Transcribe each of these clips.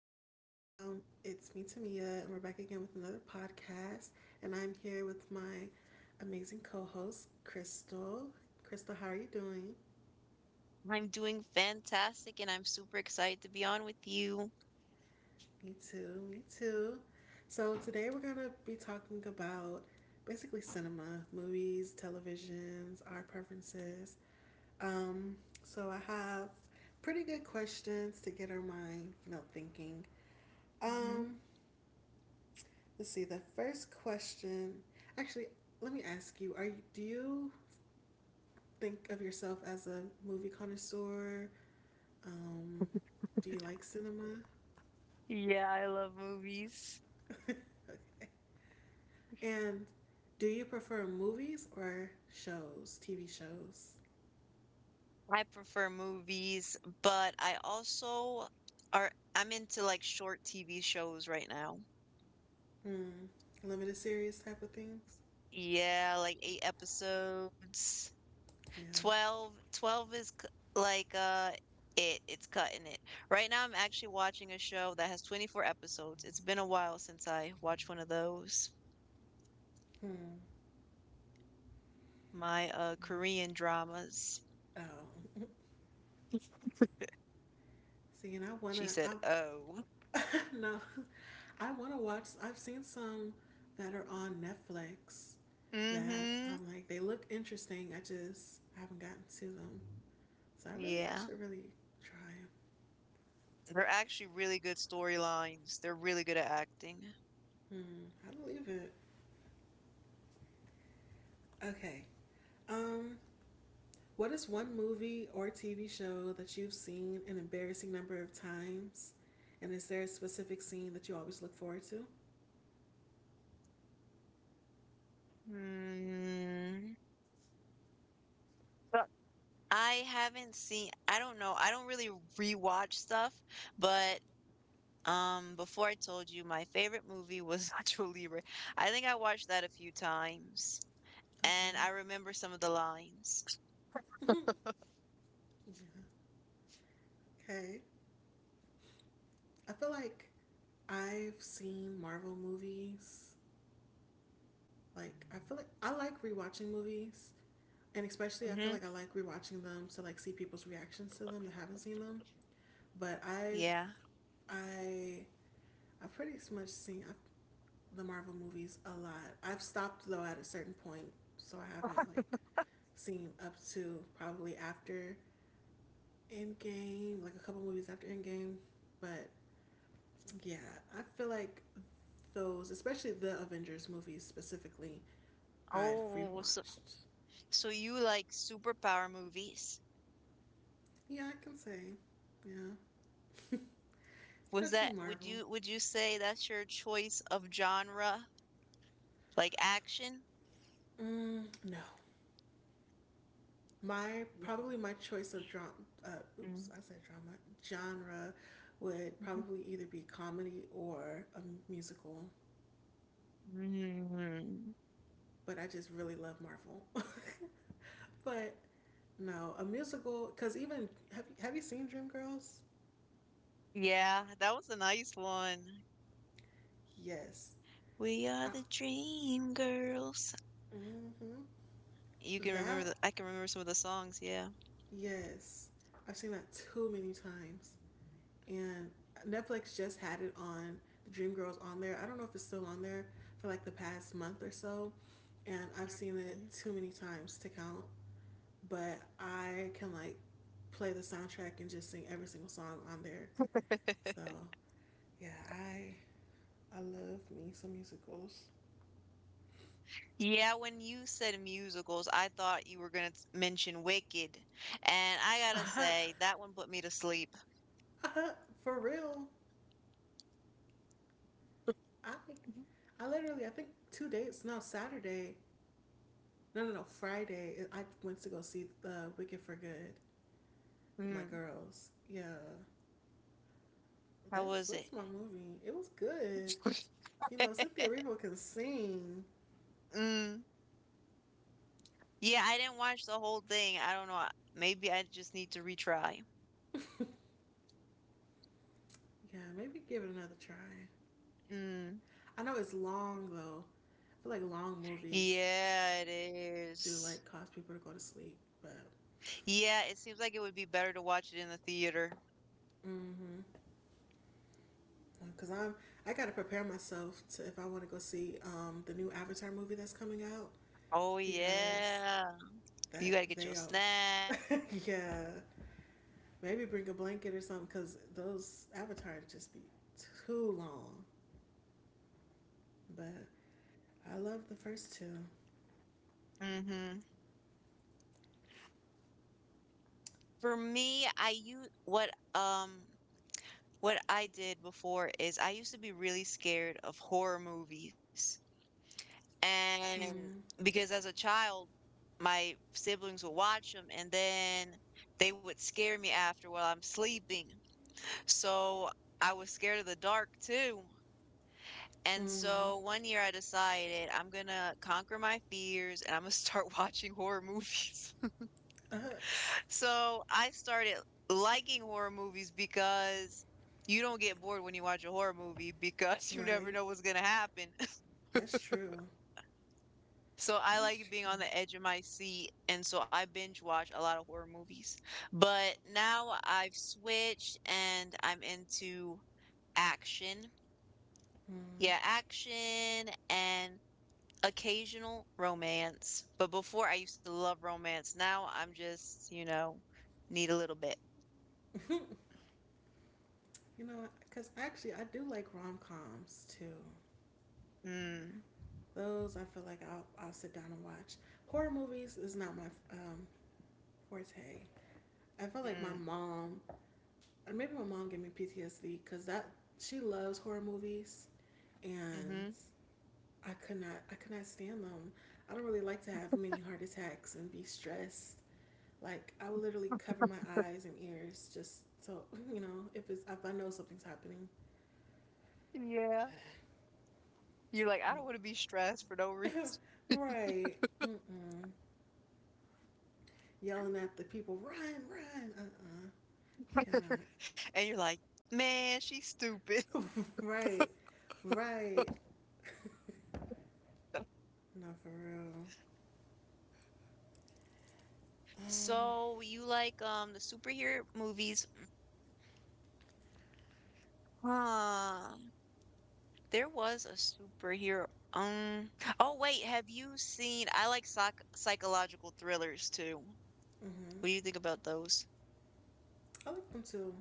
It's me, Tamia, and we're back again with another podcast. And I'm here with my amazing co host, Crystal. Crystal, how are you doing? I'm doing fantastic and I'm super excited to be on with you. Me too, me too. So, today we're going to be talking about basically cinema, movies, televisions, our preferences. Um, I have pretty good questions to get our mind, thinking. Hmm. Um, Let's see. The first question, actually, let me ask you: do you think of yourself as a movie connoisseur? Um, do you like cinema? Yeah, I love movies. And do you prefer movies or shows, TV shows, I prefer movies, but I also are I'm into like short TV shows right now. hmm, limited series type of things? Yeah, like eight episodes. Yeah. Twelve, is c- like it's cutting it. Right now I'm actually watching a show that has 24 episodes. It's been a while since I watched one of those. Hmm. My Korean dramas. Oh, see, and I She wanna. said, I "Oh." no, I wanna watch. I've seen some that are on Netflix that Mhm. I'm like they look interesting. I haven't gotten to them, so I Yeah. should really try They're actually really good storylines. They're really good at acting. them. Hmm, I believe it. Okay. Um, what is one movie or TV show that you've seen an embarrassing number of times, and is there a specific scene that you always look forward to? Hmm. But I haven't seen, I don't know. I don't really rewatch stuff, but before I told you my favorite movie was Nacho Libre. I think I watched that a few times and Okay. I remember some of the lines. Okay. I feel like I've seen Marvel movies. Like I feel like I like rewatching movies, and especially I feel Mhm. like I like rewatching them to like see people's reactions to them that haven't seen them. But I've Yeah. I I've pretty much seen the Marvel movies a lot. I've stopped though at a certain point, so I haven't like seen up to probably after Endgame, like a couple movies after Endgame. But yeah, I feel like those, especially the Avengers movies specifically, I've Oh, so rewatched. You like superpower movies? Yeah, I can say. Yeah. Was especially that Marvel. Would you say that's your choice of genre? Like action? Mm, no. My probably my choice of drama. Mhm, Oops, I said drama genre would mhm, probably either be comedy or a musical. mhm. But I just really love Marvel. but no, a musical because even have you seen Dreamgirls? Yeah, that was a nice one. Yes. We are I, the dream girls. hmm You can remember That the I can remember some of the songs, yeah. yes, I've seen that too many times. And Netflix just had it on the Dreamgirls on there. I don't know if it's still on there for like the past month or so and I've seen it Mhm. too many times to count, but I can like play the soundtrack and just sing every single song on there. So yeah, I love me some musicals. Yeah, when you said musicals, I thought you were gonna mention Wicked. And I gotta say, that one put me to sleep. For real, I I literally I think two dates no Saturday no no no Friday I went to go see the Wicked for Good with my Mm, girls. Yeah, how that's was it? that's my movie. It was good. You know Cynthia Erivo can sing. Mm. Yeah, I didn't watch the whole thing. I don't know. Maybe I just need to retry. Yeah, maybe give it another try. Mm. I know it's long though. I feel like long movies Yeah, it do is. like cause people to go to sleep, but Yeah, it seems like it would be better to watch it in the theater. mm-hmm. Because I'm I gotta prepare myself to if I want to go see the new Avatar movie that's coming out Oh, because yeah. You that gotta get your they are snacks, you gotta be yeah comfortable, maybe bring a blanket or something because those Avatars make just be sure you go to the too long. bathroom. But I love the first two. Mm-hmm. For me, I use what I did before is I used to be really scared of horror movies. And Hmm. because as a child, my siblings would watch them and then they would scare me after while I'm sleeping. So I was scared of the dark too. And Mm. so one year I decided I'm gonna conquer my fears and I'm gonna start watching horror movies. Us. So I started liking horror movies because you don't get bored when you watch a horror movie because you never Right. know what's gonna happen. That's true. So I That's like being true. on the edge of my seat, and so I binge watch a lot of horror movies. But now I've switched and I'm into action. Hmm. Yeah, action and occasional romance. But before I used to love romance. Now I'm just need a little bit. You know, because actually I do like rom coms too. Mm, Those I feel like I'll sit down and watch. Horror movies is not my um, forte. I feel like my mm, mom, or maybe my mom gave me PTSD because that she loves horror movies and mm-hmm. I could not stand them. I don't really like to have many heart attacks and be stressed. Like I would literally cover my eyes and ears just so you know if it's if I know something's happening. Yeah. You're like, I don't want to be stressed for no reason. right. Mm-mm. Yelling at the people, run, run. Cannot. And you're like, man, she's stupid. Right, right. No, for real. Um, So you like the superhero movies? Huh. There was a superhero. Um. Oh wait, have you seen? I like psychological thrillers too. mm-hmm. What do you think about those? I like them too.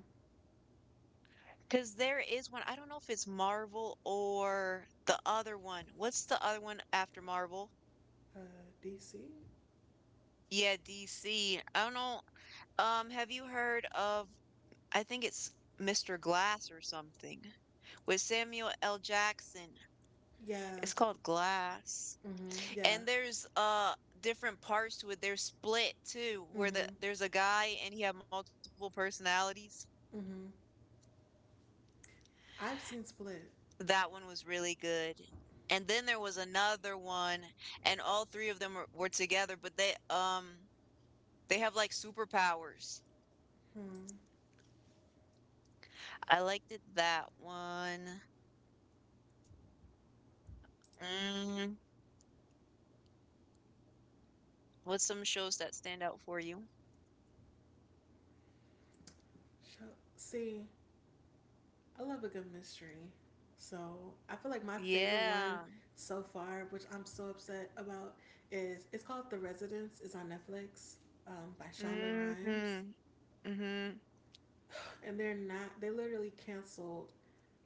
Because there is one. I don't know if it's Marvel or the other one. What's the other one after Marvel? Uh, DC? Yeah, DC. I don't know. Have you heard of? I think it's Mr. Glass or something with Samuel L. Jackson. Yeah. It's called Glass. Mm-hmm. Yeah. And there's different parts to it. They're split too, where Mm-hmm. there's a guy and he had multiple personalities. Mm-hmm. I've seen Split. That one was really good. And then there was another one, and all three of them were together, but they have like superpowers. Hmm. I liked it that one. Mm, what's some shows that stand out for you? Show- See, I love a good mystery. So I feel like my favorite one Yeah. so far, which I'm so upset about, is it's called The Residence. It's on Netflix by Shonda Rhimes. Mm-hmm. Mm-hmm. And they're not, they literally canceled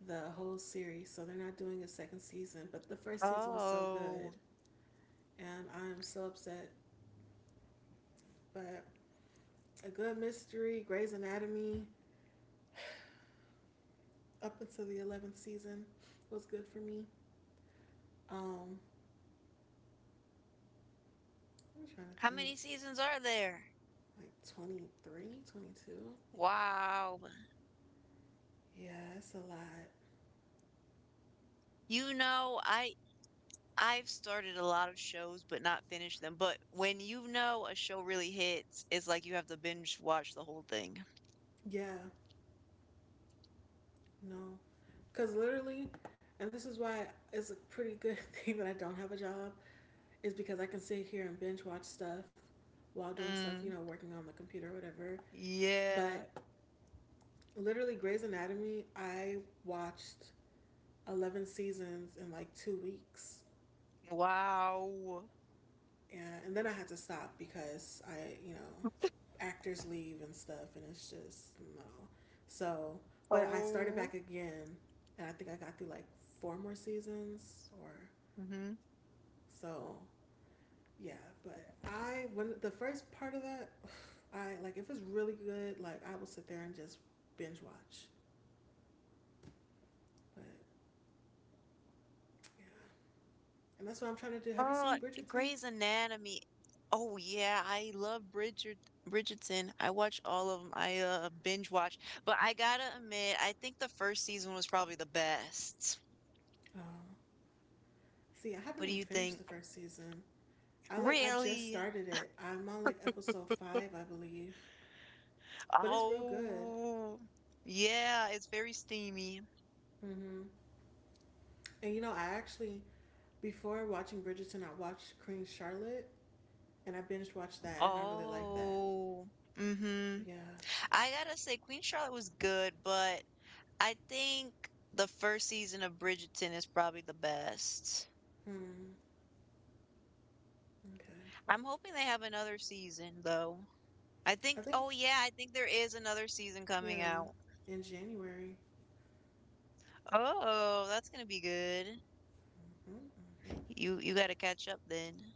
the whole series, so they're not doing a second season. But the first season was so Oh. good, and I'm so upset. But a good mystery, Grey's Anatomy, up until the 11th season was good for me. Um, I'm trying How to think, many seasons are there? like 23, 22. Wow. Yeah, it's a lot. You know, I've started a lot of shows but not finished them. But when you know a show really hits, it's like you have to binge watch the whole thing. Yeah, no. Because literally, and this is why it's a pretty good thing that I don't have a job is because I can sit here and binge watch stuff while doing stuff, you know, Mm, working on the computer or whatever. But yeah. literally, Grey's Anatomy, I watched 11 seasons in like two weeks. Wow. And then I had to stop because I, you know, actors leave and stuff, and it's just no. So, but I started Oh. back again, and I think I got through like four more seasons or Mm-hmm. so. Yeah, but I when the first part of that, I like if it's really good, like I will sit there and just binge watch. But yeah, and that's what I'm trying to do. Have you Oh, seen Bridgerton? Grey's Anatomy. Oh yeah, I love Bridget Bridgerton. I watch all of them. I binge watch. But I gotta admit, I think the first season was probably the best. Oh, see, I haven't What do even you finished think? the first season. I just Really? started it. I'm on like episode 5, I believe, but it's real good. Oh, yeah, it's very steamy. Hmm. And you know, I actually before watching Bridgerton, I watched Queen Charlotte, and I binge watched that, and I really like that. Oh, mm-hmm. Yeah. I gotta say, Queen Charlotte was good, but I think the first season of Bridgerton is probably the best. Hmm. Okay. I'm hoping they have another season, though. I think Oh yeah, I think there is another season coming Yeah, out. in January. Oh, that's gonna be good. Hmm. You gotta catch up then.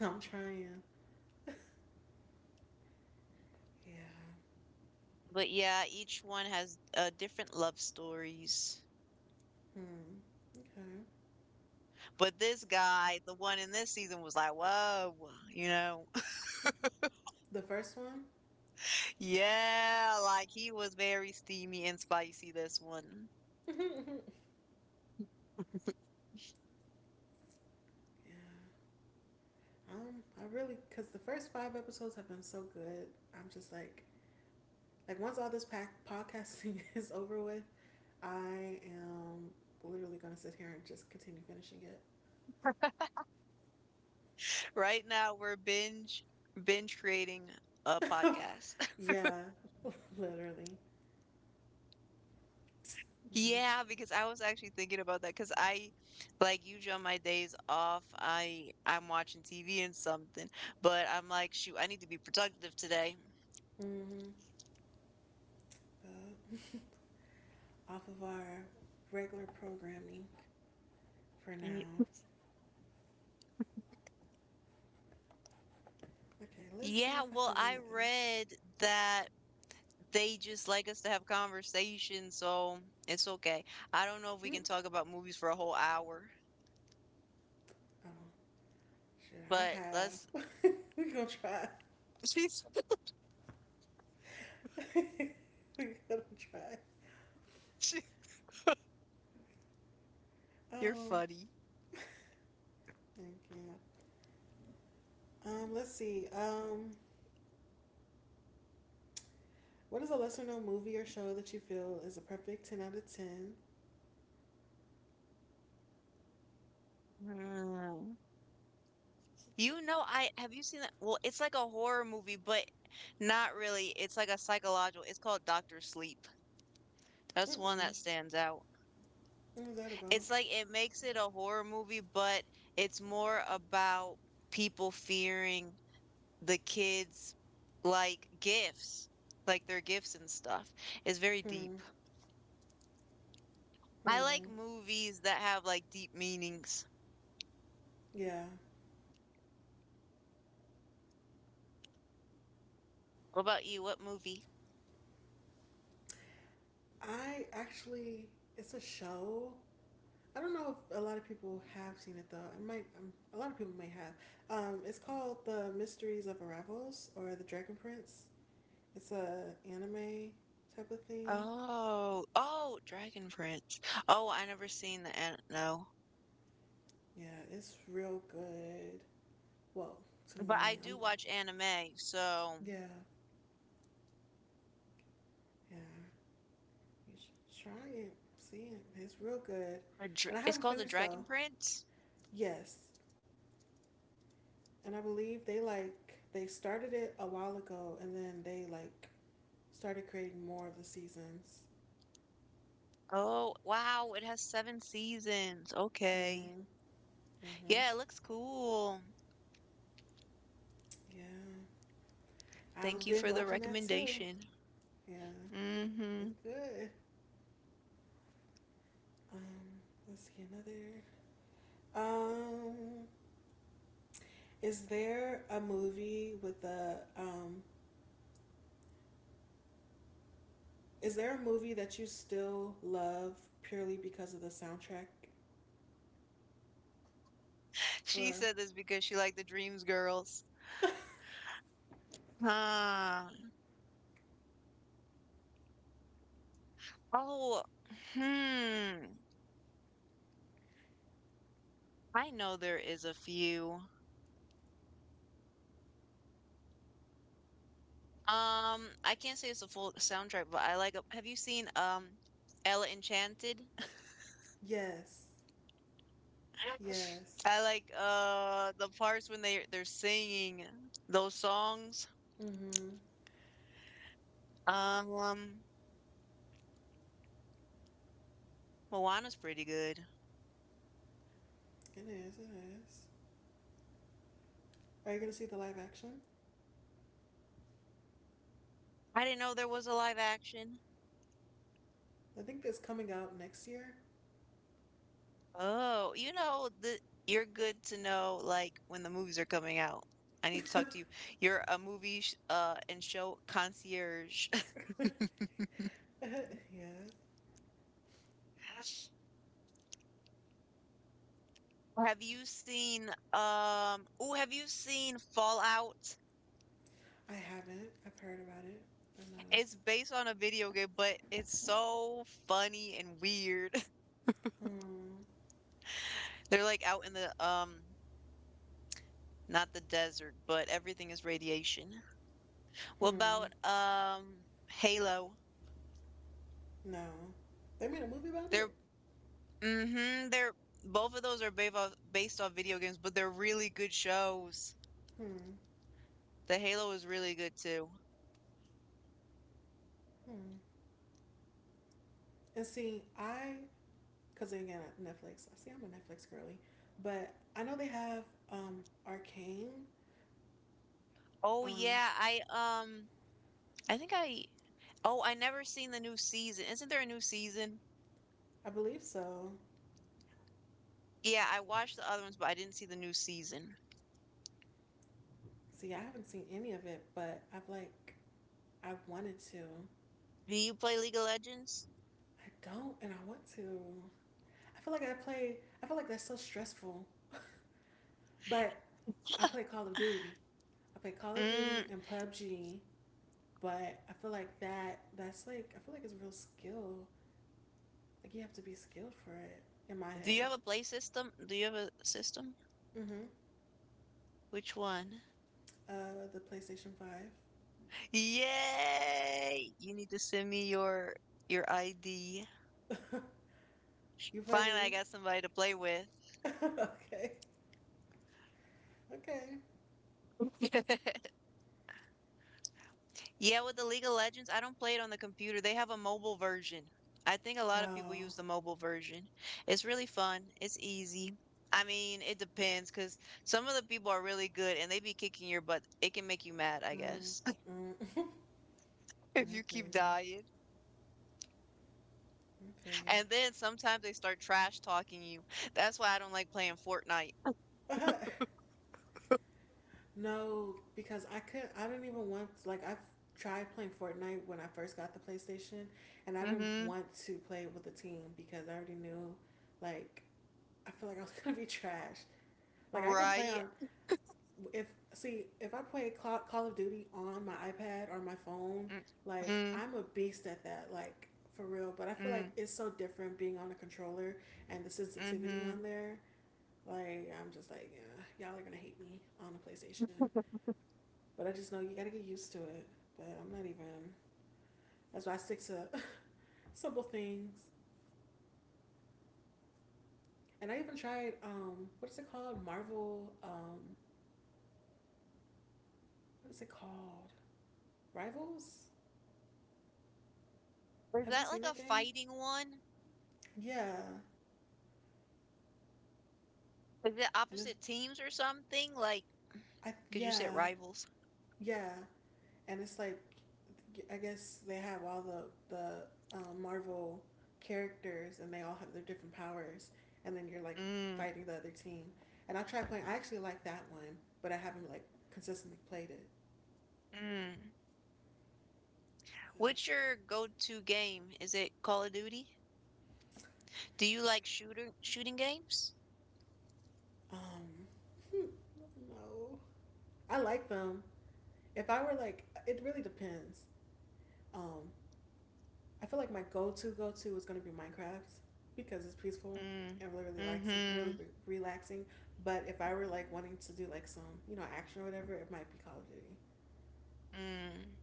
I'm trying. Yeah. But yeah, each one has different love stories. Hmm. Okay. But this guy, the one in this season, was like, whoa, you know? The first one. Yeah, like he was very steamy and spicy, this one. Yeah. I really, cause the first five episodes have been so good. I'm just like once all this pack podcasting is over with, I am literally gonna sit here and just continue finishing Right now, we're binge creating a it. podcast. yeah. Literally. Yeah. Yeah, because I was actually thinking about that because I like usually on my days off, I'm watching TV and something, but I'm like, shoot, I need to be productive today. Mm-hmm. But off of our regular programming for Y- now. Okay. Let's see Yeah, if I well, have I another. read that they just like us to have conversations, so it's okay. I don't know if we Mm. can talk about movies for a whole hour, Oh, should I but let's. have? We're gonna try. She's- We're gonna try. You're Um, funny. yeah. Let's see. What is a lesser known movie or show that you feel is a perfect 10 out of 10? Mm. You know, I Have you seen that? Well, it's like a horror movie, but not really. It's like a psychological. It's called Doctor Sleep. That's one Mm-mm. that stands out. What was that about? It's like it makes it a horror movie, but it's more about people fearing the kids like gifts, like their gifts and stuff. It's very Hmm. deep. I like Hmm. movies that have like deep meanings. Yeah. What about you? What movie? I actually, it's a show. I don't know if a lot of people have seen it though. I might, a lot of people may have. It's called The Mysteries of Arrivals or The Dragon Prince. It's a anime type of thing. Oh, oh, Dragon Prince. Oh, I never seen the an no. Yeah, it's real good. Well, to But I me, do I'm like, watch anime, so yeah, yeah, you should try it, see it. It's real good. And I it's haven't called The finished though. Dragon Prince. Yes, and I believe they started it a while ago, and then they started creating more of the seasons. Oh, wow, it has seven seasons. Okay. Mhm. Mhm. Yeah, it looks cool. Yeah, I was Thank you binge for the watching that too. recommendation. Yeah, Mm-hmm. it's good. Um, let's see another. Um, Is there a movie with a um is there a movie that you still love purely because of the soundtrack She or said this because she liked the Dreams Girls. Huh. Oh, hmm. I know there is a few. I can't say it's a full soundtrack, but I like have you seen Ella Enchanted? yes. Yes. I like the parts when they're singing those songs. Mhm. Um, Moana's pretty good. It is. It is. Are you going to see the live action? I didn't know there was a live action. I think that's coming out next year. Oh, you know the you're good to know like when the movies are coming out. I need to talk to you. You're a movie sh and show concierge. yeah. Have you seen oh have you seen Fallout? I haven't. I've heard about it, but no. It's based on a video game, but it's so funny and weird. Hmm. They're like out in the not the desert, but everything is radiation. What Hmm. about Halo? No. They made a movie about They're it? mm-hmm, they're both of those are based off video games, but they're really good shows. Hmm. The Halo is really good too. Hmm. And see, I because again, Netflix. I see I'm a Netflix girly, but I know they have Arcane. Oh Um, yeah, I think I oh I never seen the new season. Isn't there a new season? I believe so. Yeah, I watched the other ones, but I didn't see the new season. See, I haven't seen any of it, but I wanted to. Do you play League of Legends? I don't, and I want to. I feel like I play. I feel like that's so stressful. but I play Call of Duty. I play Call of Mm, Duty and PUBG. But I feel like that. That's like I feel like it's real skill. Like you have to be skilled for it. In my do you head. have a play system? Do you have a system? Mhm. Which one? The PlayStation Five. Yay! You need to send me your ID. You play Finally, I League? got somebody to play with. Okay. Yeah, with the League of Legends, I don't play it on the computer. They have a mobile version. I think a lot of people Oh. use the mobile version. It's really fun. It's easy. I mean, it depends because some of the people are really good and they be kicking your butt. It can make you mad, I Mm, guess, mm. if I you feel keep dying. you. And then sometimes they start trash talking you. That's why I don't like playing Fortnite. I feel you. no, because I couldn't. I didn't even want. Like I tried playing Fortnite when I first got the PlayStation, and I didn't Mm-hmm. want to play it with a team because I already knew. Like I feel like I was gonna be trash. Like I can play Right. on if see if I play Call of Duty on my iPad or my phone, Mm, like mm, I'm a beast at that. Like for real. But I feel like mm, it's so different being on a controller and the sensitivity on mhm. there. Like I'm just like, yeah, y'all are gonna hate me on a PlayStation. But I just know you gotta get used to it. But I'm not even. That's why I stick to simple things. And I even tried what is it called? Marvel. What is it called? Rivals. Is Have you that seen like a that game? fighting one? Yeah. Is it And it, opposite teams or something? Like, I, because you said yeah, rivals. yeah, and it's like, I guess they have all the Marvel characters, and they all have their different powers, and then you're like Mm, fighting the other team. And I tried playing. I actually like that one, but I haven't like consistently played it. mm. But, What's your go-to game? Is it Call of Duty? Do you like shooter shooting games? um, no, I like them. If I were like, it really depends. Um, I feel like my go-to is gonna be Minecraft because it's peaceful Mm, and really relaxing, really mm-hmm, relaxing. But if I were like wanting to do like some, you know, action or whatever, it might be Call of Duty. mm.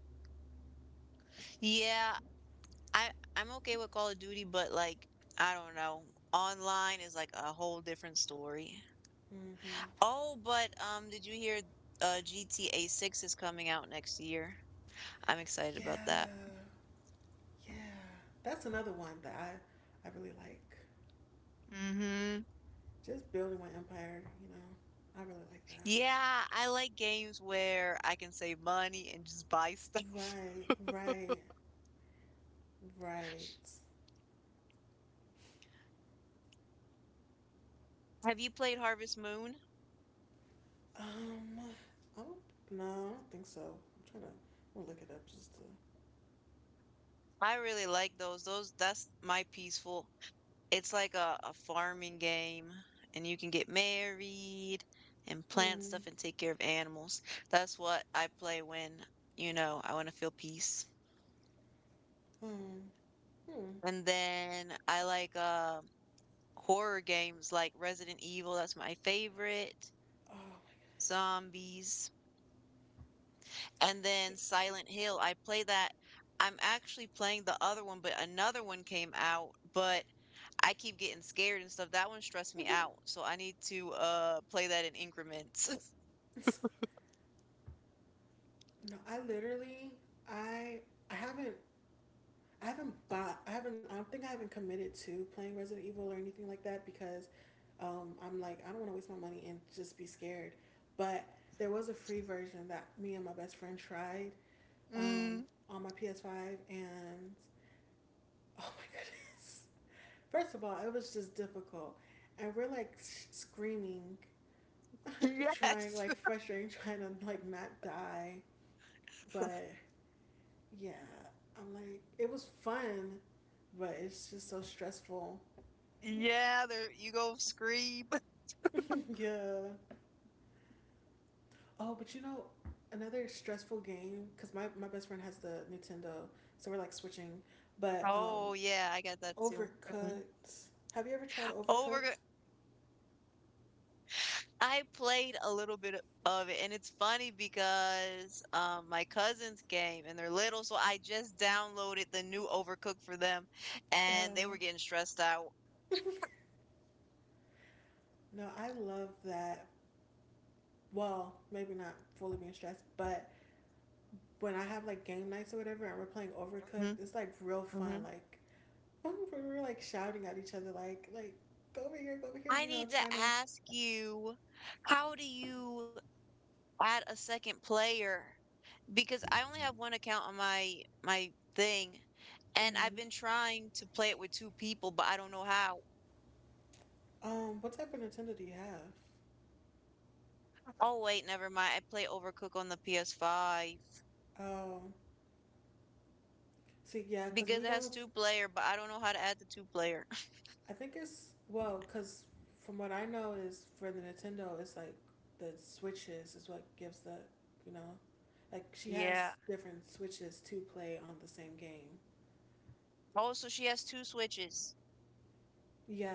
Yeah, I I'm okay with Call of Duty, but like I don't know. Online is like a whole different story. Hmm. Oh, but did you hear GTA 6 is coming out next year? I'm excited about that. Yeah, yeah. That's another one that I really like. Mhm. Just building my empire, you know. I really like that. Yeah, I like games where I can save money and just buy stuff. Right, right, right. Have you played Harvest Moon? Um, I don't, no, I don't think so. I'm gonna look it up just to. I really like those. That's my peaceful. It's like a farming game and you can get married and plant Hmm, stuff and take care of animals. That's what I play when I want to feel peace. hmm, hmm. And then I like horror games like Resident Evil, that's my favorite. Oh Zombies. And my then Silent Hill, I play that. I'm actually playing the other one, but another one came out, but I keep getting scared and stuff. That one stressed me out, so I need to play that in increments. no, I literally I I haven't I haven't bought I haven't I don't think I haven't committed to playing Resident Evil or anything like that because I'm like I don't want to waste my money and just be scared. But there was a free version that me and my best friend tried um, Mm, on my PS5 and oh my goodness. First of all, it was just difficult. And we're like screaming, trying yes. like frustrating trying to like not die, but yeah, I'm like, it was fun, but it's just so stressful. Yeah, there you go scream. Yeah. Oh, but you know, another stressful game because my best friend has the Nintendo, so we're like switching. But Oh yeah, I got that too. Mhm. Overcooked. Have you ever tried Over Overcooked? I played a little bit of it, and it's funny because my cousins came and they're little, so I just downloaded the new Overcooked for them, and they Oh were getting stressed out. no, I love that. Well, maybe not fully being stressed, but when I have like game nights or whatever, and we're playing Mhm, Overcooked, it's like real fun. mhm. Like we're like shouting at each other, like go over here, go over here. I You know, need to trying to. ask you, how do you add a second player? Because I only have one account on my thing, and I've Mm. been trying to play it with two people, but I don't know how. What type of Nintendo do you have? Oh wait, never mind. I play Overcook on the PS5. Um, see, yeah, because Because we've it has only, two player, but I don't know how to add the two player. I think it's, well, because from what I know is for the Nintendo, it's like the switches is what gives the, you know, like she has Yeah. different switches to play on the same game. Oh, so she has two switches. Yeah,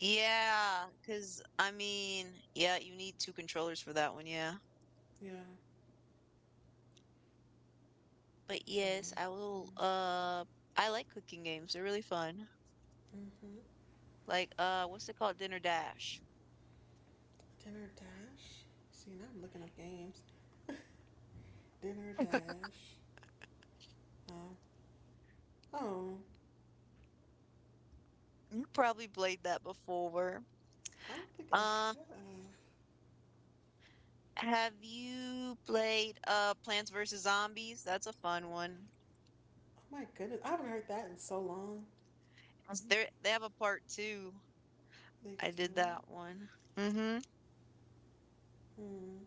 Yeah, because I mean, yeah, you need two controllers for that one, yeah. yeah. But So, yes, I will I like cooking games. They're really fun. mm-hmm. Like what's it called? Dinner Dash. Dinner Dash. See, now I'm looking up games. Dinner Dash. Um, oh, You probably played that before. I don't think I Um, have. have you played Plants vs. Zombies? That's a fun one. Oh my goodness, I haven't heard that in so long. There they have a part two. They I did do. that one. Mm-hmm. Hmm.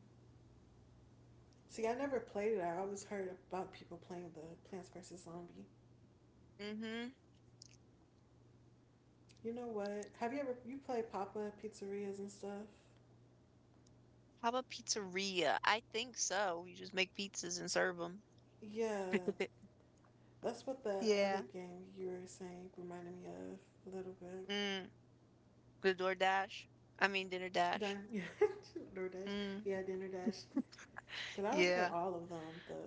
See, I never played it. I always heard about people playing the Plants vs Zombie. Mm-hmm. You know what? Have you played Papa Pizzerias and stuff? How about pizzeria? I think so. You just make pizzas and serve them. Yeah, that's what the Yeah. other game you were saying reminded me of a little bit. Mm. The DoorDash. I mean Dinner Dash. Dine, yeah, DoorDash, Mm. yeah, Dinner Dash. Cause I would play Yeah. all of them. The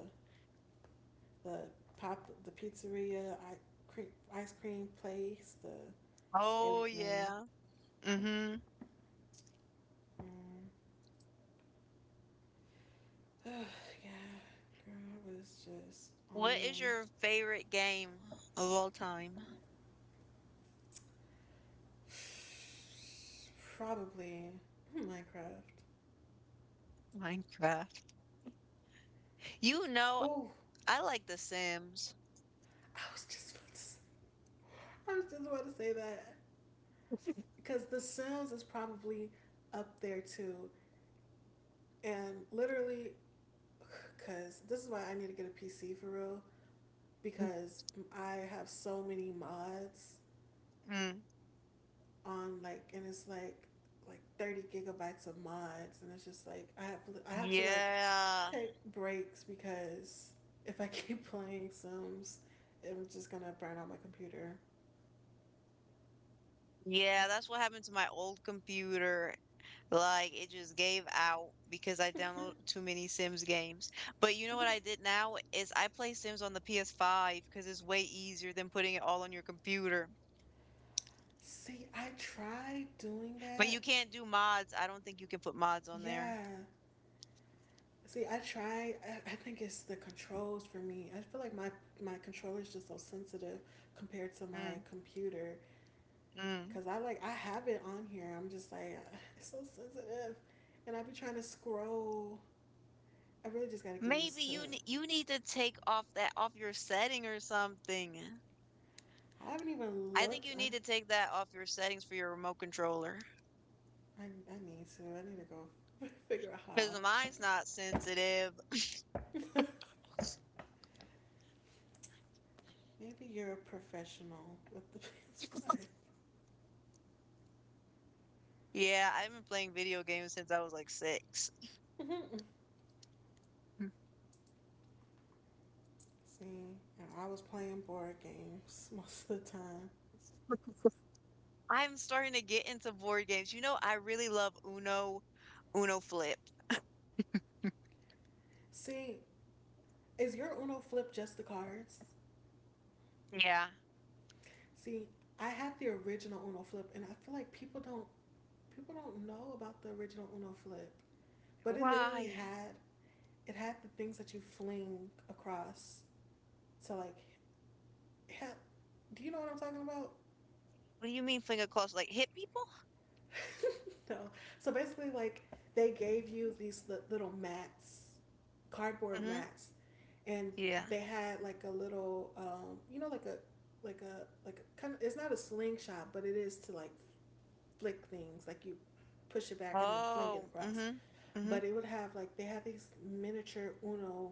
the pop, the pizzeria, ice cream place, the Oh everything. yeah. Mm-hmm. Mm. Girl, I was just on What is them. your favorite game of all time? Probably Minecraft. Minecraft. You know, Oh, I like The Sims. I was just about to. Say, I was just about to say that because The Sims is probably up there too, and literally, because this is why I need to get a PC for real because I have so many mods Mm. on like and it's like 30 gigabytes of mods and it's just like I have to like Yeah. take breaks because if I keep playing Sims, I'm just gonna burn out my computer. Yeah, that's what happened to my old computer. Like, it just gave out because I download too many Sims games. But you know what I did now is I play Sims on the PS5 because it's way easier than putting it all on your computer. See, I tried doing But that. you can't do mods. I don't think you can put mods on there. Yeah. See, I try. I think it's the controls for me. I feel like my controller is just so sensitive compared to my Mm, computer. mm. Cause I like I have it on here. I'm just like it's so sensitive, and I be trying to scroll. I really just gotta get Maybe used to you it. ne you need to take off that off your setting or something. I haven't even I think looked. you I need to take that off your settings for your remote controller I, I need to. I need to go figure out how. because mine's not sensitive. Maybe you're a professional with the PS5. Yeah, I've been playing video games since I was like six. See, and I was playing board games most of the time. I'm starting to get into board games. You know, I really love Uno, Uno Flip. See, is your Uno flip just the cards? Yeah. See, I have the original Uno flip, and I feel like people don't know about the original Uno flip. But it literally Why? had it had the things that you fling across to like help. Do you know what I'm talking about? What do you mean finger crossed? Like hit people? No. So basically, like they gave you these little mats, cardboard Mm-hmm. mats, and Yeah. they had like a little, you know, like a like a kind of it's not a slingshot, but it is to like flick things. Like you push it back and then fling it Oh. across. Mm-hmm. Mm-hmm. But it would have like they had these miniature Uno,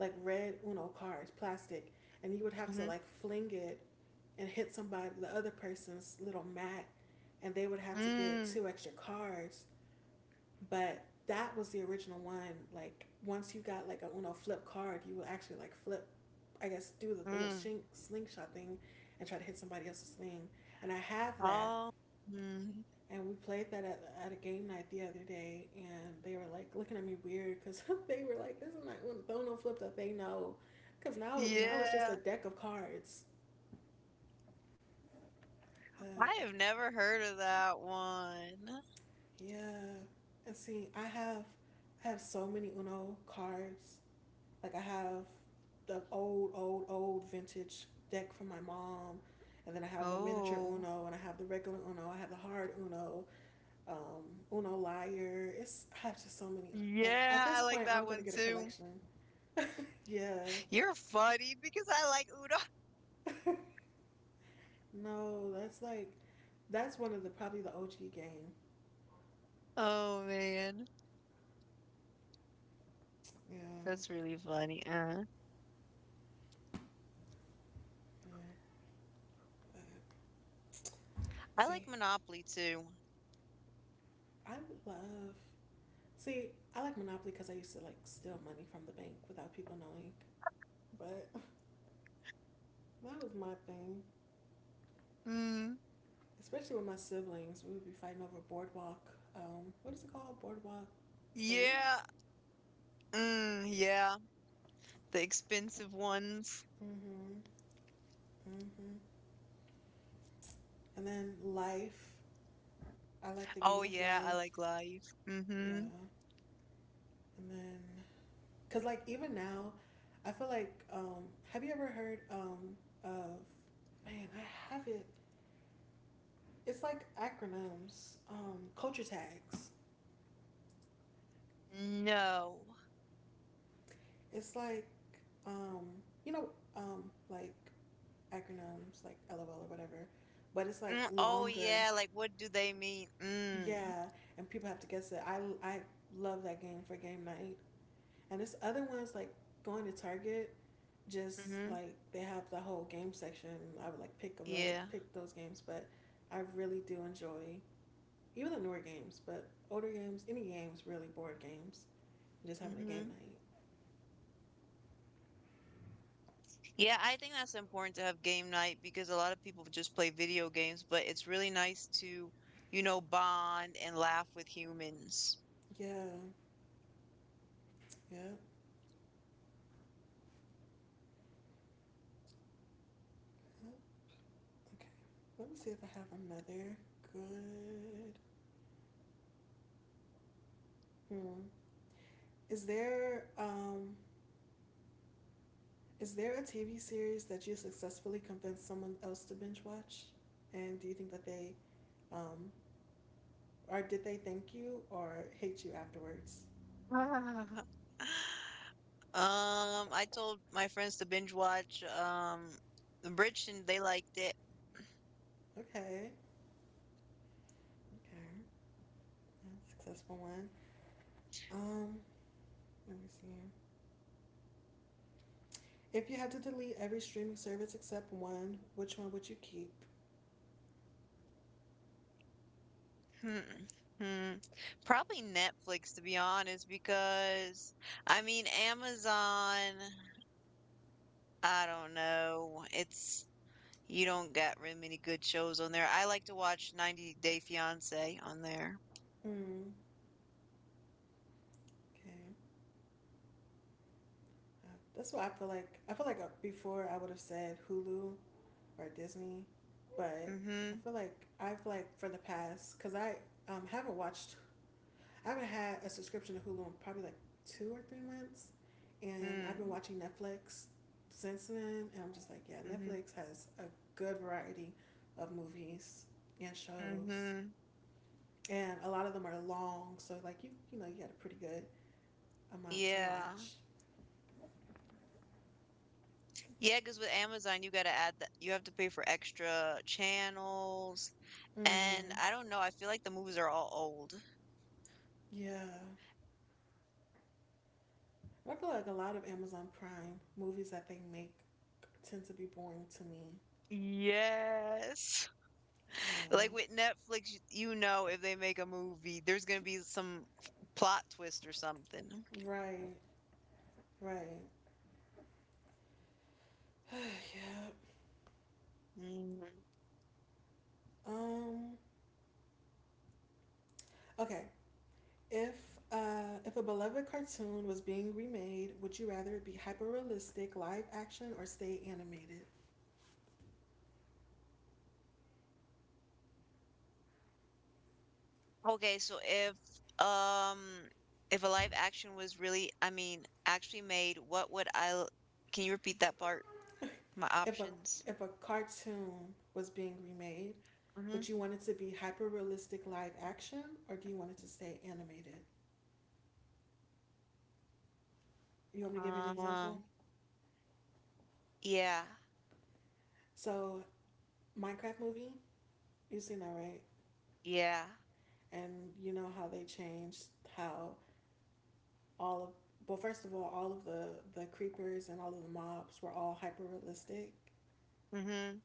like red Uno cards, plastic, and you would have to Mm-hmm. like fling it and hit somebody, the other person's little mat, and they would have to get Mm. two extra cards. But that was the original one. Like once you got like a Uno flip card, you would actually like flip, I guess, do the little Mm. shing, slingshot thing, and try to hit somebody else's thing. And I have that, Oh. Mm. and we played that at a game night the other day, and they were like looking at me weird because they were like, "This is not when Bono flipped up." They know, because now it's just a Yeah. deck of cards. But I have never heard of that one. yeah, and see, I have so many Uno cards. Like I have the old vintage deck from my mom, and then I have the miniature Oh. Uno, and I have the regular Uno. I have the hard Uno. um, Uno Liar. It's I have just so many. Like at Yeah, I this like point, that I'm gonna one get a too. collection. Yeah, You're funny because I like Uno. no, that's like, that's one of the probably the OG game. Oh man, Yeah. that's really funny. Yeah. But, I see, like Monopoly too. I love. See, I like Monopoly because I used to like steal money from the bank without people knowing. But that was my thing, Mm, especially with my siblings. We would be fighting over boardwalk. What is it called? Boardwalk plays. yeah. Mm, yeah. The expensive ones. Mm-hmm. Mm-hmm. And then life. I like the game Oh of yeah, I life. like live. Mm-hmm. Yeah. And then, because like even now, I feel like, have you ever heard of, man, I have it. It's like acronyms, culture tags. No. It's like, um, you know, um, like acronyms, like LOL or whatever, but it's like Mm, oh longer. yeah, like what do they mean? Mm, Yeah. And people have to guess it. I love that game for game night. And this other one's like going to Target just mm-hmm. like they have the whole game section. I would like Yeah. pick those games, but I really do enjoy even the newer games, but older games, any games, really board games. Just having a game Mm-hmm. night. Yeah, I think that's important to have game night because a lot of people just play video games, but it's really nice to, you know, bond and laugh with humans. Yeah, yeah, yeah. Okay. Let me see if I have another good. Hmm. Is there um is there a TV series that you successfully convinced someone else to binge watch? And do you think that they um or did they thank you or hate you afterwards? I told my friends to binge watch Bridgerton. They liked it. Okay. Okay. That's a successful one. Um, let me see here. If you had to delete every streaming service except one, which one would you keep? Hmm. Hmm. Probably Netflix, to be honest, because I mean Amazon, I don't know. It's you don't get really many good shows on there. I like to watch 90 Day Fiancé on there. Hmm. Okay. Uh, that's what I feel like. I feel like before I would have said Hulu or Disney, but I Mm-hmm. feel like I've like for the past because I haven't watched I haven't had a subscription to Hulu in probably like 2 or 3 months, and I've been Mm. watching Netflix since then, and I'm just like, yeah, Mm-hmm. Netflix has a good variety of movies and shows, Mm-hmm. and a lot of them are long, so like you know you got a pretty good amount to Yeah. watch. Yeah, cause with Amazon, you gotta add the You have to pay for extra channels. And Mm-hmm. I don't know, I feel like the movies are all old. Yeah, I feel like a lot of Amazon Prime movies that they make tend to be boring to me. Yes. Yeah. Like with Netflix, you know, if they make a movie, there's gonna be some plot twist or something. Right. Right. Yeah. Mhm. Um. Okay. If if a beloved cartoon was being remade, would you rather it be hyper realistic, live action, or stay animated? Okay, so um if a live action was really, I mean, actually made, what would can you repeat that part? My If a options. if a cartoon was being remade, Mm-hmm. would you want it to be hyper realistic, live action, or do you want it to stay animated? You want me to give you an example? Um, yeah. So Minecraft movie, you've seen that right? Yeah. And you know how they changed how all of well, first of all of the creepers and all of the mobs were all hyper realistic Mm-hmm.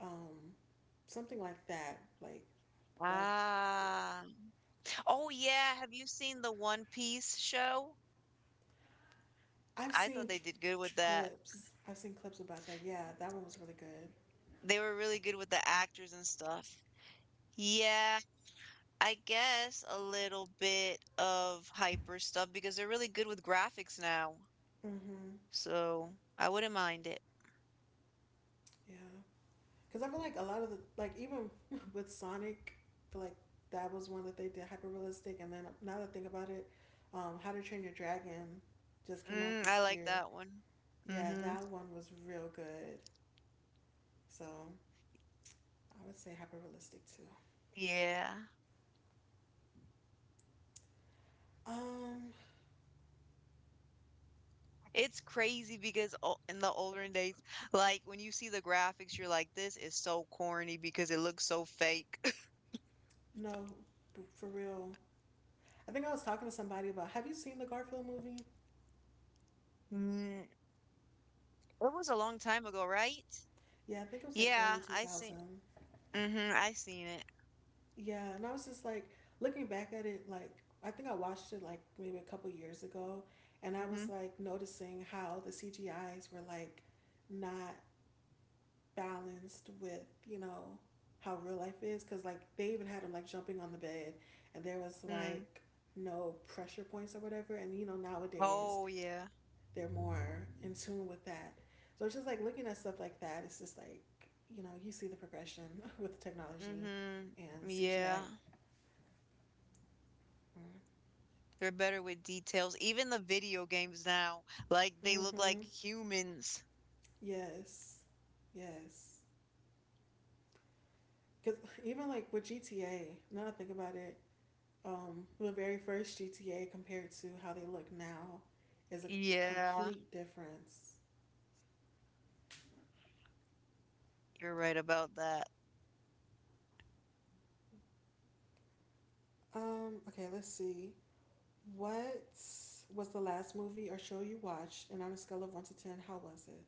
um, something like that. Like Ah. Oh yeah, have you seen the One Piece show? I've I thought seen they did good with that. clips. I've seen clips about that. Yeah, that one was really good. They were really good with the actors and stuff. Yeah, I guess a little bit of hyper stuff because they're really good with graphics now. Mhm. So I wouldn't mind it. Yeah. Cuz I feel like a lot of the like even with Sonic, I feel like that was one that they did hyper realistic and then now that I think about it, How to Train Your Dragon just came out Mm, this I like year. that one. Yeah, Mm-hmm. that one was real good. So, I would say hyper realistic too. Yeah. Um It's crazy because in the older days, like when you see the graphics, you're like, this is so corny because it looks so fake. no, for real, I think I was talking to somebody about, have you seen the Garfield movie? Mm, it was a long time ago, right? Yeah, I think it was like Yeah, early I seen. 2000. Hmm, I seen it. Yeah, and I was just like looking back at it, like I think I watched it like maybe a couple years ago, and I Mm-hmm. was like noticing how the CGIs were like not balanced with, you know, how real life is. Cause like they even had him like jumping on the bed, and there was Mm. like no pressure points or whatever. And you know, nowadays Oh yeah. they're more in tune with that. So it's just like looking at stuff like that. It's just like you know you see the progression with technology Hmm. and CGI. Yeah. They're better with details. Even the video games now, like they look Mm-hmm. like humans. Yes, yes. Because even like with GTA, now that I think about it, the very first GTA compared to how they look now is a Yeah, complete difference. you're right about that. Okay, let's see. What was the last movie or show you watched? And on a scale of 1 to 10, how was it?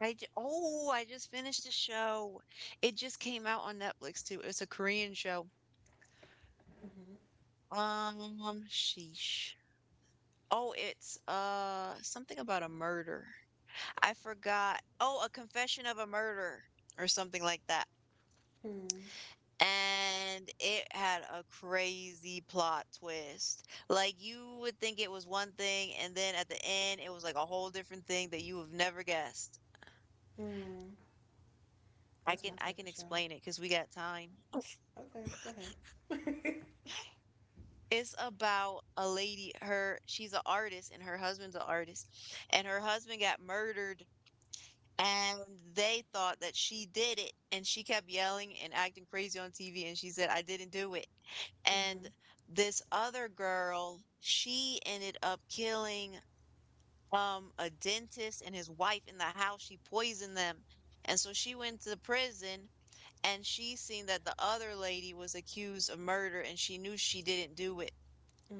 I j oh, I just finished a show. It just came out on Netflix too. It's a Korean show. Mm-hmm. Sheesh. Oh, it's something about a murder. I forgot. Oh, A Confession of a Murder or something like that. Hmm. And it had a crazy plot twist. Like you would think it was one thing and then at the end it was like a whole different thing that you have never guessed. Hmm. That's my I type can of show. explain it cuz we got time. Okay, go ahead. It's about a lady her she's an artist and her husband's an artist and her husband got murdered. And they thought that she did it, and she kept yelling and acting crazy on TV, and she said, "I didn't do it." And Mhm. this other girl, she ended up killing a dentist and his wife in the house. She poisoned them. And so she went to prison and she seen that the other lady was accused of murder and she knew she didn't do it,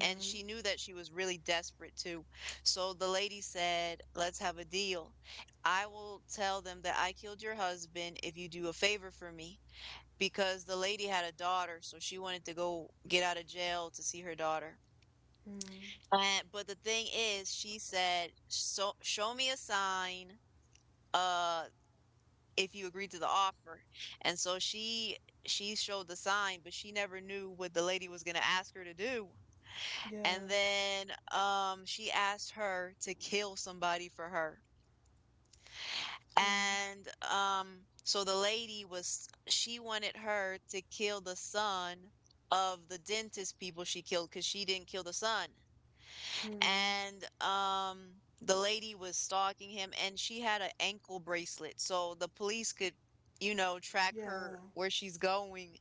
and she knew that she was really desperate too. So the lady said, "Let's have a deal. I will tell them that I killed your husband if you do a favor for me." Because the lady had a daughter, so she wanted to go get out of jail to see her daughter. Mm. And, but the thing is, she said, so, "Show me a sign uh, if you agree to the offer." And so she showed the sign, but she never knew what the lady was going to ask her to do. And Yeah. then, she asked her to kill somebody for her. Mm. And, so the lady was, she wanted her to kill the son of the dentist people she killed because she didn't kill the son. Mm. And the lady was stalking him and she had an ankle bracelet so the police could, you know, track her Yeah. where she's going,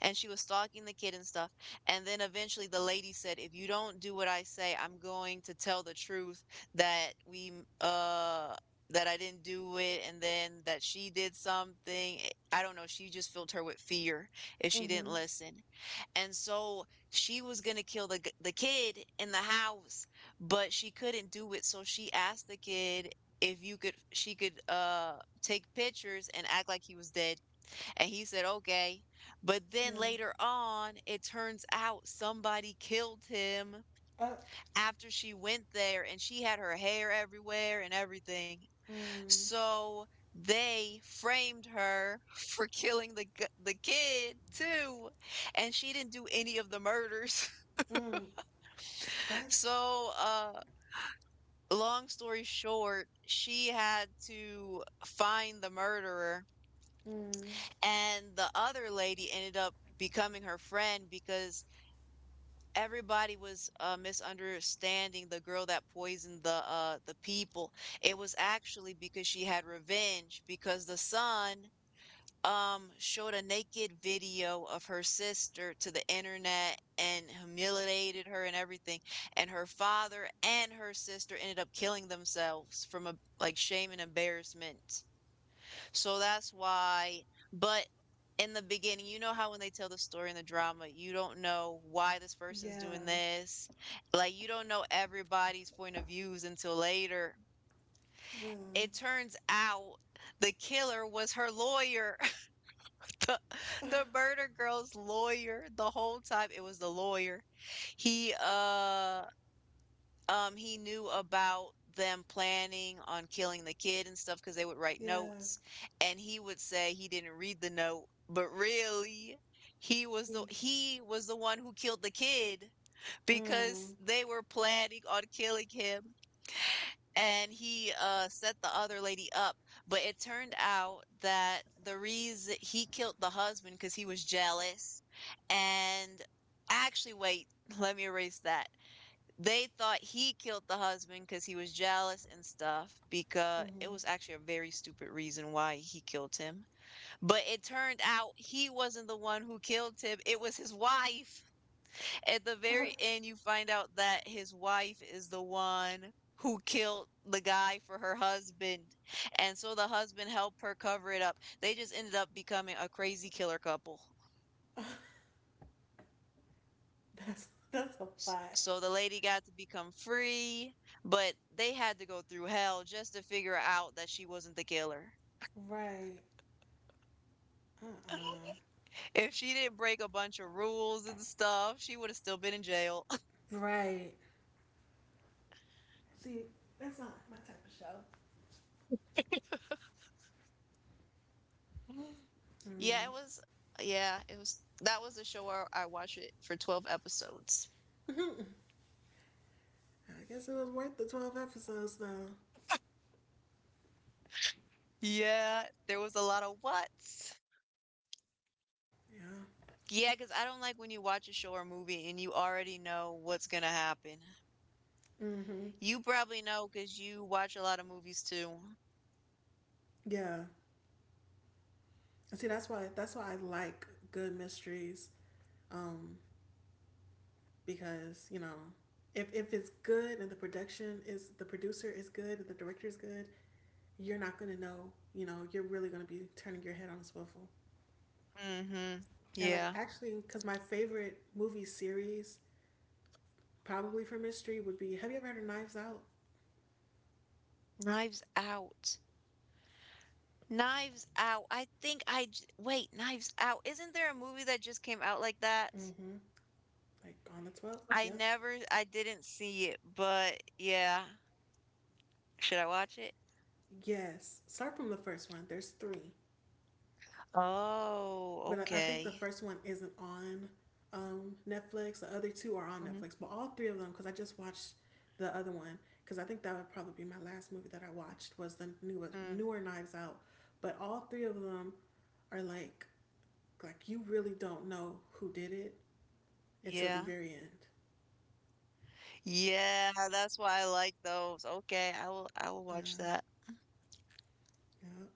and she was stalking the kid and stuff. And then eventually the lady said, "If you don't do what I say, I'm going to tell the truth that we uh that I didn't do it," and then that she did something, I don't know, she just filled her with fear if she didn't Mhm. listen. And so she was gonna kill the kid in the house, but she couldn't do it. So she asked the kid if you could she could take pictures and act like he was dead, and he said okay. But then Yeah. later on, it turns out somebody killed him Uh. after she went there, and she had her hair everywhere and everything. Mm. So they framed her for killing the kid too, and she didn't do any of the murders. Mm. That's. So, long story short, she had to find the murderer, Mm. and the other lady ended up becoming her friend because everybody was misunderstanding the girl that poisoned the people. It was actually because she had revenge because the son showed a naked video of her sister to the internet and humiliated her and everything, and her father and her sister ended up killing themselves from, a like, shame and embarrassment. So that's why. But in the beginning, you know how when they tell the story in the drama you don't know why this person's Yeah. doing this, like you don't know everybody's point of views until later. Yeah. It turns out the killer was her lawyer, the the murder girl's lawyer, the whole time it was the lawyer. He uh he knew about them planning on killing the kid and stuff because they would write Yeah. notes, and he would say he didn't read the note, but really He. he was the one who killed the kid because Mm. they were planning on killing him. And he set the other lady up. But it turned out that the reason he killed the husband because he was jealous, and actually wait, let me erase that. They thought he killed the husband because he was jealous and stuff because it Mhm. was actually a very stupid reason why he killed him. But it turned out he wasn't the one who killed him, it was his wife. At the very end, you find out that his wife is the one who killed the guy for her husband. And so the husband helped her cover it up. They just ended up becoming a crazy killer couple. That's a lot. So the lady got to become free, but they had to go through hell just to figure out that she wasn't the killer. Right. Uh. If she didn't break a bunch of rules and stuff, she would have still been in jail. Right. See, that's not my type of show. Yeah, it Mm. was, yeah, it was, that was the show where I watched it for 12 episodes. I guess it was worth the 12 episodes though. Yeah, there was a lot of whats. Yeah. Yeah, because I don't like when you watch a show or movie and you already know what's gonna happen. Mm-hmm. You probably know because you watch a lot of movies too. Yeah. See, that's why I like good mysteries. Um, because you know, if it's good and the producer is good and the director is good, you're not gonna know. You know, you're really gonna be turning your head on a swivel. Mm-hmm. And like Yeah. actually, because my favorite movie series probably for mystery would be, have you ever heard of Knives Out? Knives Out. Knives Out. I think I j- wait, Knives Out. Isn't there a movie that just came out like that? Mm-hmm. Like on the twelfth. I Yep. never, I didn't see it, but yeah. Should I watch it? Yes. Start from the first one. There's three. Oh, But I think the okay. first one isn't on Netflix. The other two are on Netflix, but all three of them, because I just watched the other one because I think that would probably be my last movie that I watched, was the newer Mm-hmm. newer Knives Out. But all three of them are like you really don't know who did it until the Yeah. very end. Yeah, that's why I like those. Okay, I will Yeah, watch that. yeah.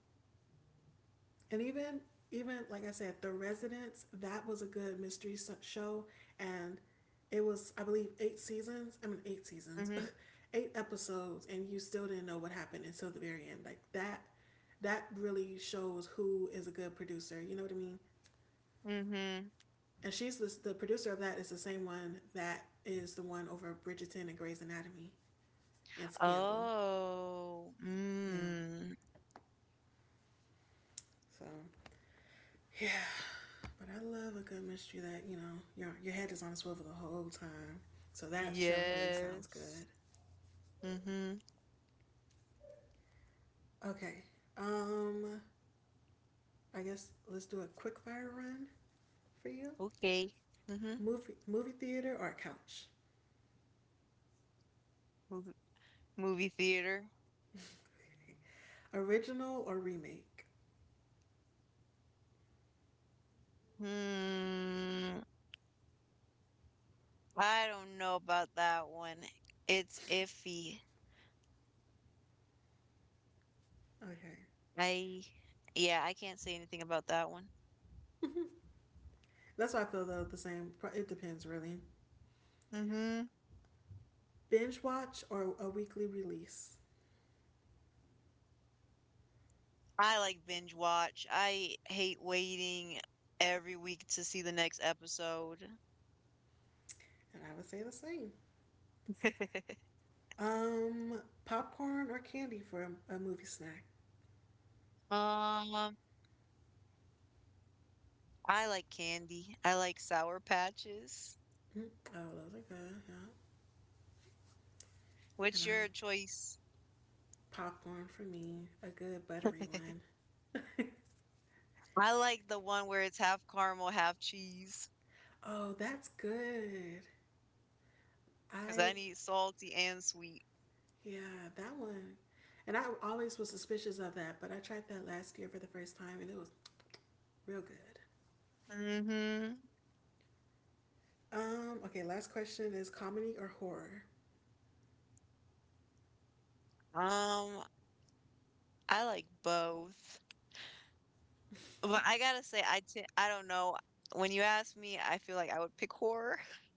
And even like I said, The Residents, that was a good mystery show, and it was, I believe, eight seasons. I mean eight seasons, Mhm. eight episodes, and you still didn't know what happened until the very end. Like that, that really shows who is a good producer. You know what I mean? Mhm. And she's this, the producer of that is the same one that is the one over Bridgerton and Grey's Anatomy and Scandal. Oh. Yeah. Mm. So yeah, but I love a good mystery that, you know, your head is on a swivel the whole time. So that show really sounds good. Yes. Mhm. Okay. Um I guess let's do a quick fire run for you. Okay. Mhm. Movie theater or couch? Movie, movie theater. Original or remake? Hmm. I don't know about that one. It's iffy. Okay. I yeah, I can't say anything about that one. That's why I feel though the same. It depends really. Mhm. Binge watch or a weekly release? I like binge watch. I hate waiting every week to see the next episode. And I would say the same. Popcorn or candy for a movie snack? Um, I like candy. I like Sour Patches. Mm, oh, those are good. Yeah. And What's I'm your choice? popcorn for me, a good buttery I one. like the one where it's half caramel, half cheese, Oh, that's good. because I I need salty and sweet. yeah, that one. And I always was suspicious of that, but I tried that last year for the first time and it was real good. Mm-hmm. Okay, last question is comedy or horror? Um, I like both. But I gotta say, I don't know. When you ask me, I feel like I would pick horror.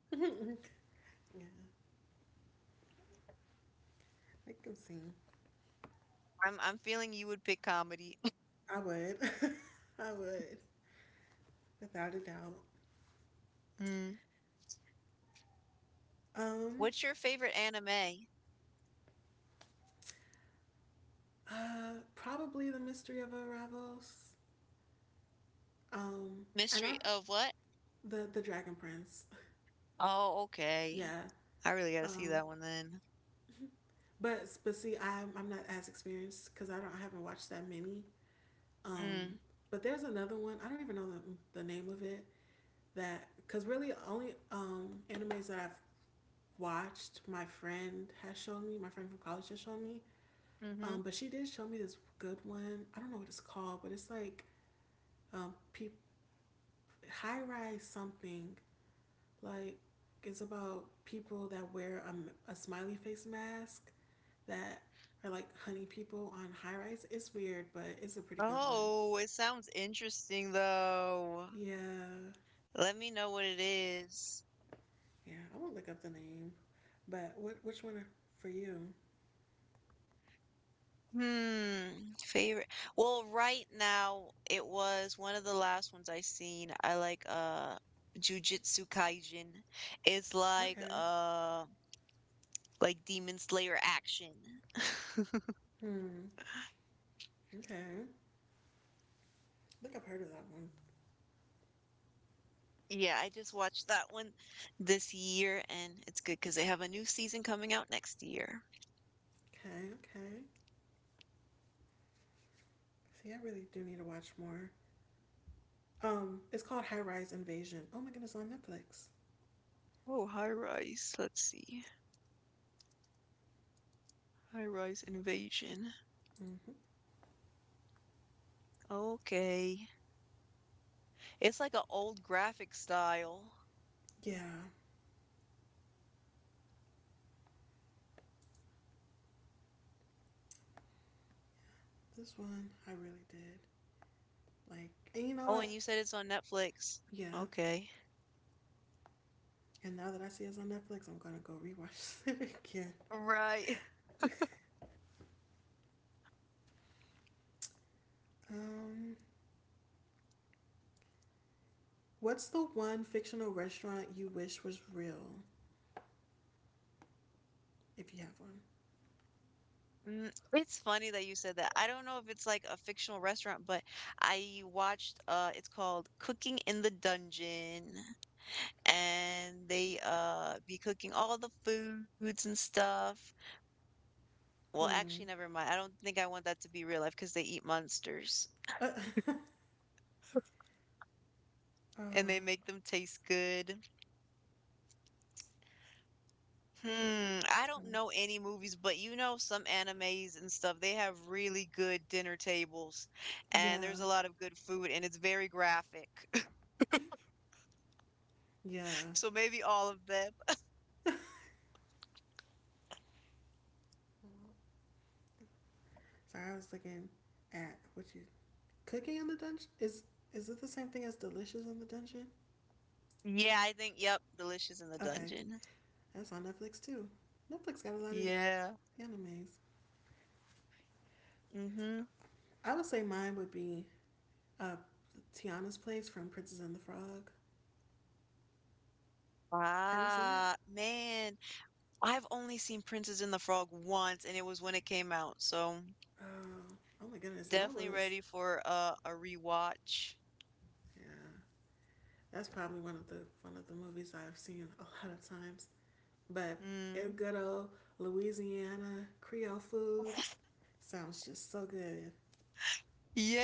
I can see. I'm feeling you would pick comedy. I would. I would, without a doubt. Mm. Um, What's your favorite anime? Probably the mystery of Arrivals. Um, and I Mystery of what? the Dragon Prince. Oh, okay. Yeah. I really gotta see Um, that one then. But see, I'm not as experienced because I haven't watched that many. Um, Mm. but there's another one. I don't even know the name of it, that because really only animes that I've watched, my friend has shown me, my friend from college has shown me. Mhm. But she did show me this good one. I don't know what it's called, but it's like peop-, high rise something, like it's about people that wear a smiley face mask that are like honey people on high rise. It's weird, but it's a pretty good one. Oh, it sounds interesting though. Yeah, Let me know what it is. yeah. I won't look up the name, but what which one for you? Hmm, favorite. Well, right now it was one of the last ones I seen. I like Jujutsu Kaisen. It's Okay. Like Demon Slayer action. Hmm. Okay. I think I've heard of that one. Yeah, I just watched that one this year and it's good because they have a new season coming out next year. Okay. Okay. See, I really do need to watch more. It's called High Rise Invasion. Oh my goodness, on Netflix. Oh, high rise. Let's see. High rise invasion. Mm hmm. Okay. It's like an old graphic style. Yeah, this one I really did like. And you know Oh, what? and you said it's on Netflix. Yeah. Okay. And now that I see it's on Netflix, I'm gonna go rewatch it again. Right. Um, What's the one fictional restaurant you wish was real, if you have Mm, it's funny that you said that. I don't know if it's like a fictional restaurant, but I watched it's called Cooking in the Dungeon and they be cooking all the foods and stuff. Well, actually one? never mind. I don't think I want that to be real life because they eat monsters Hmm. Oh, and they I'm make them taste good. Hmm, I trying. don't to- know any movies, but you know some animes and stuff, they have really good dinner tables and there's Yeah, a lot of good food and it's very graphic. yeah. So maybe all of them. Sorry, I was looking at what you cooking in the dungeon. Is it the same thing as Delicious in the Dungeon? Yeah, I think yep, Delicious in the Okay, Dungeon. that's on Netflix too. Netflix got a lot of Yeah. animes. Mm-hmm. I would say mine would be uh, Tiana's Place from Princess and the Frog. Have you seen it? Ah, man. I've only seen Princess and the Frog once and it was when it came out. So Oh, oh my goodness! And I definitely was, ready for a rewatch. yeah. That's probably one of the movies I've seen a lot of times. But it Mm. good old Louisiana Creole food sounds just so good.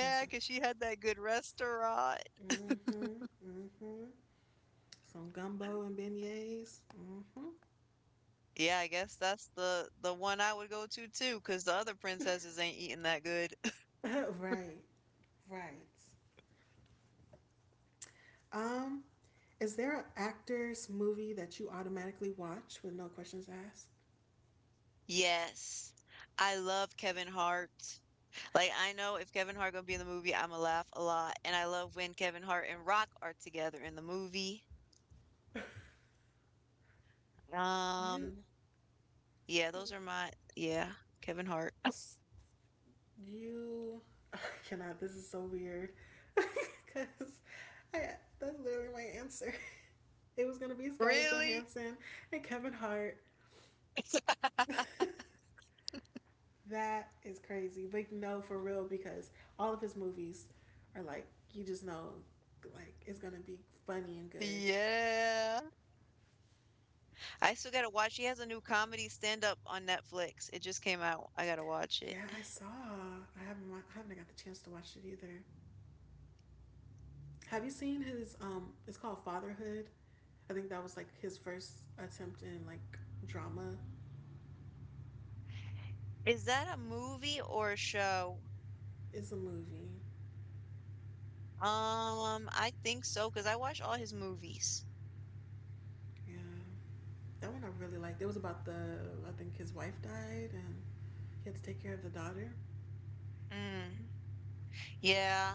It's because she had that good restaurant. mm-hmm, mm-hmm. Some gumbo and beignets. Mm-hmm. Yeah, I guess that's the one I would go to too. Cause the other princesses ain't eating that good. right, right. Um, is there an actor's movie that you automatically watch with no questions asked? Yes. I love Kevin Hart. Like I know if Kevin Hart gonna be in the movie, I'ma laugh a lot. And I love when Kevin Hart and Rock are together in the movie. You Um, yeah, those are my yeah, Kevin Hart. You I cannot. This is so weird because I that's literally my answer. It was gonna be Scarlett Really? Johansson and Kevin Hart. That is crazy, but no, for real, because all of his movies are like, you just know, like it's gonna be funny and good. Yeah. I still gotta watch. He has a new comedy stand-up on Netflix. It just came out. I gotta watch it. Yeah, I saw. I haven't got the chance to watch it either. Have you seen his? It's called Fatherhood. I think that was like his first attempt in like drama. Is that a movie or a show? It's a movie. I think so because I watch all his movies. Yeah. That one I really liked. It was about the, I think his wife died and he had to take care of the daughter. Mm. Yeah,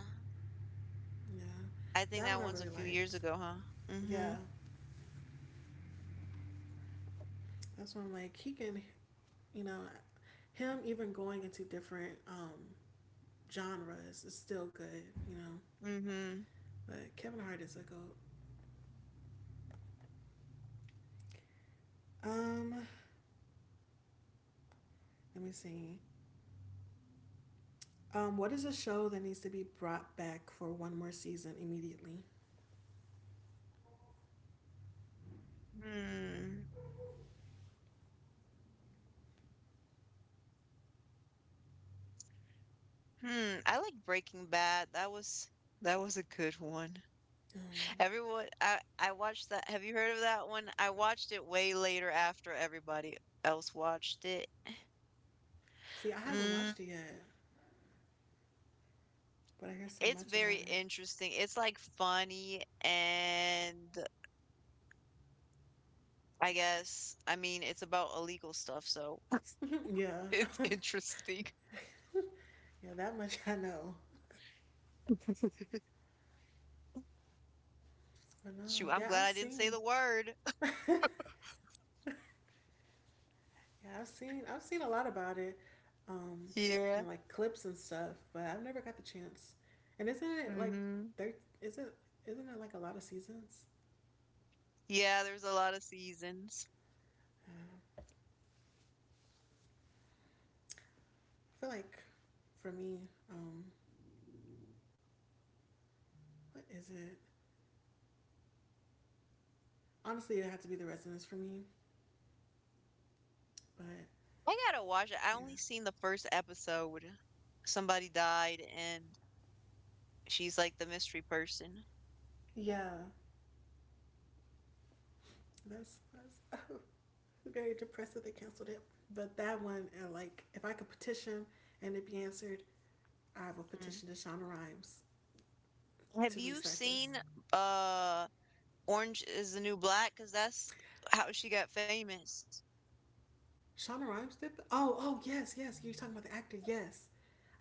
Yeah. I think That that one I one's a really few years liked. ago, huh? Mm-hmm. Yeah. That's when I'm like he can, you know, him even going into different genres is still good, you know. Mm-hmm. But Kevin Hart is a goat. Um, Let me see. What is a show that needs to be brought back for one more season immediately? Hmm. Hmm. I like Breaking Bad. That was a good one. Um, Everyone, I watched that. Have you heard of that one? I watched it way later after everybody else watched it. See, I haven't Mm. watched it yet, but I hear so It's much very about it. interesting. It's like funny and I guess I mean it's about illegal stuff, so Yeah, it's interesting. yeah, that much I know. But no, Shoot, I'm yeah, glad I've I didn't say seen, the word. yeah, I've seen a lot about it, um, Yeah. and like clips and stuff. But I've never got the chance. And isn't it like Mm-hmm. there? Isn't isn't it like a lot of seasons? Yeah, there's a lot of seasons. Uh, I feel like for me, what is it? Honestly, it had to be the Residence for me. But I gotta watch it. I yeah, only seen the first episode. Somebody died, and she's like the mystery person. yeah, that's very depressing. They canceled it. But that one, and like, if I could petition and it be answered, I have a Mm. petition to Shonda Rhimes Have to you restart this. seen uh Orange is the New Black? Because that's how she got famous. Shonda Rhimes did. Th- oh, oh, yes, yes. You're talking about the actor. Yes,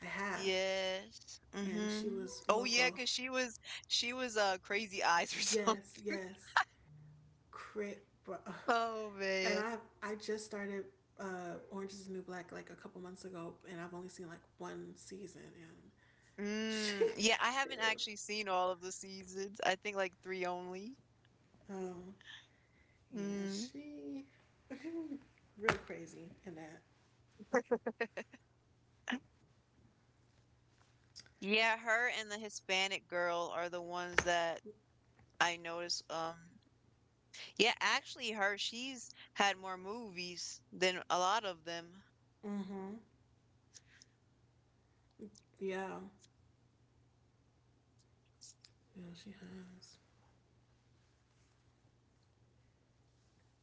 I have. Yes. And she Mm-hmm. was Oh yeah, because local. She was Crazy Eyes or Yes, something. yes. Crip. Oh And man. I just started Orange Is the New Black like a couple months ago, and I've only seen like one season. And she, Mm, yeah, I haven't actually seen all of the seasons. I think like three only. um, yeah, Mm. she, real crazy in that. Yeah, her and the Hispanic girl are the ones that I noticed. Yeah, actually, her, she's had more movies than a lot of them. Mm-hmm. Yeah. Yeah, she has.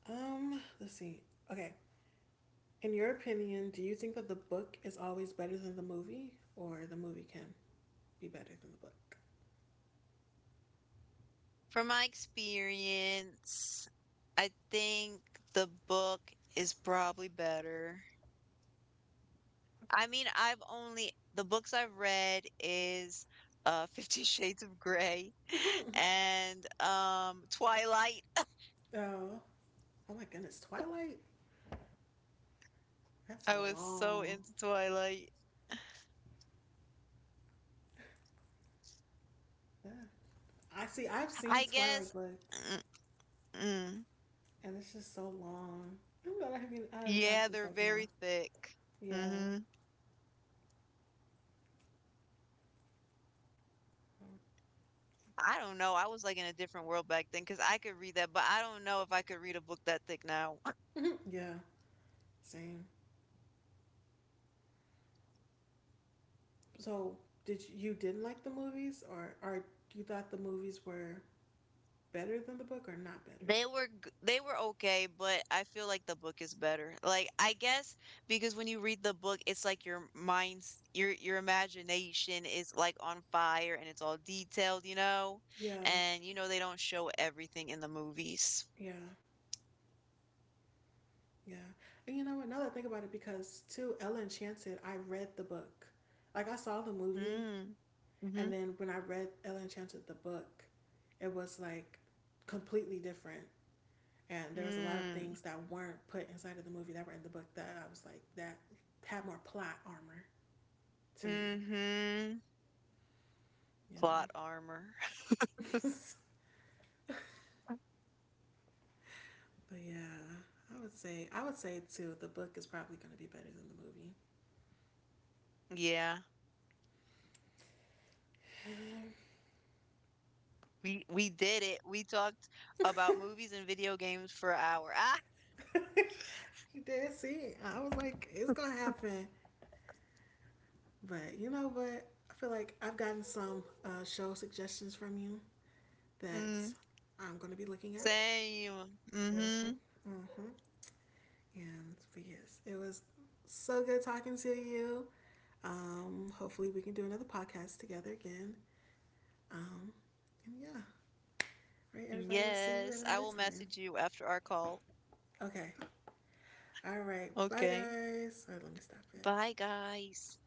Let's see. Okay. In your opinion, do you think that the book is always better than the movie or the movie can be better than the book? From my experience, I think the book is probably better. I mean, I've only the books I've read is Fifty Shades of Grey and Twilight. Oh, oh my goodness. Twilight? That's I a was so long. into Twilight. Yeah. I see. I've seen I Twilight guess books mm, mm, and it's just so long. I'm not having, I'm yeah, just they're like, nah. very thick. Yeah. hmm I don't know. I was like in a different world back then because I could read that, but I don't know if I could read a book that thick now. Yeah. Same. So, did you, you didn't like the movies or you thought the movies were better than the book or not better? They were okay, but I feel like the book is better. Like I guess because when you read the book, it's like your imagination is like on fire and it's all detailed, you know? Yeah. And you know they don't show everything in the movies. Yeah. Yeah. And you know what? Now that I think about it, because too, Ella Enchanted, I read the book. Like, I saw the movie, Mm. Mm-hmm. and then when I read Ella Enchanted, the book, it was like completely different. And there was a lot of Mm. things that weren't put inside of the movie that were in the book that I was like, that had more plot armor to me. Mm-hmm. Yeah. Plot armor. But yeah, I would say too, the book is probably going to be better than the movie. Yeah. We did it. We talked about movies and video games for an hour. Ah. You did see, I was like, it's going to happen. But you know what? I feel like I've gotten some show suggestions from you Mm. that I'm going to be looking at. Same. Mm-hmm. Mm-hmm. Mm-hmm. And but yes, it was so good talking to you. Hopefully, we can do another podcast together again. Um, and yeah, all right, everybody, we'll see Yes, you at I will another time. message you after our call. Okay, all right, bye Okay. guys. All right, let me stop it. Bye, guys.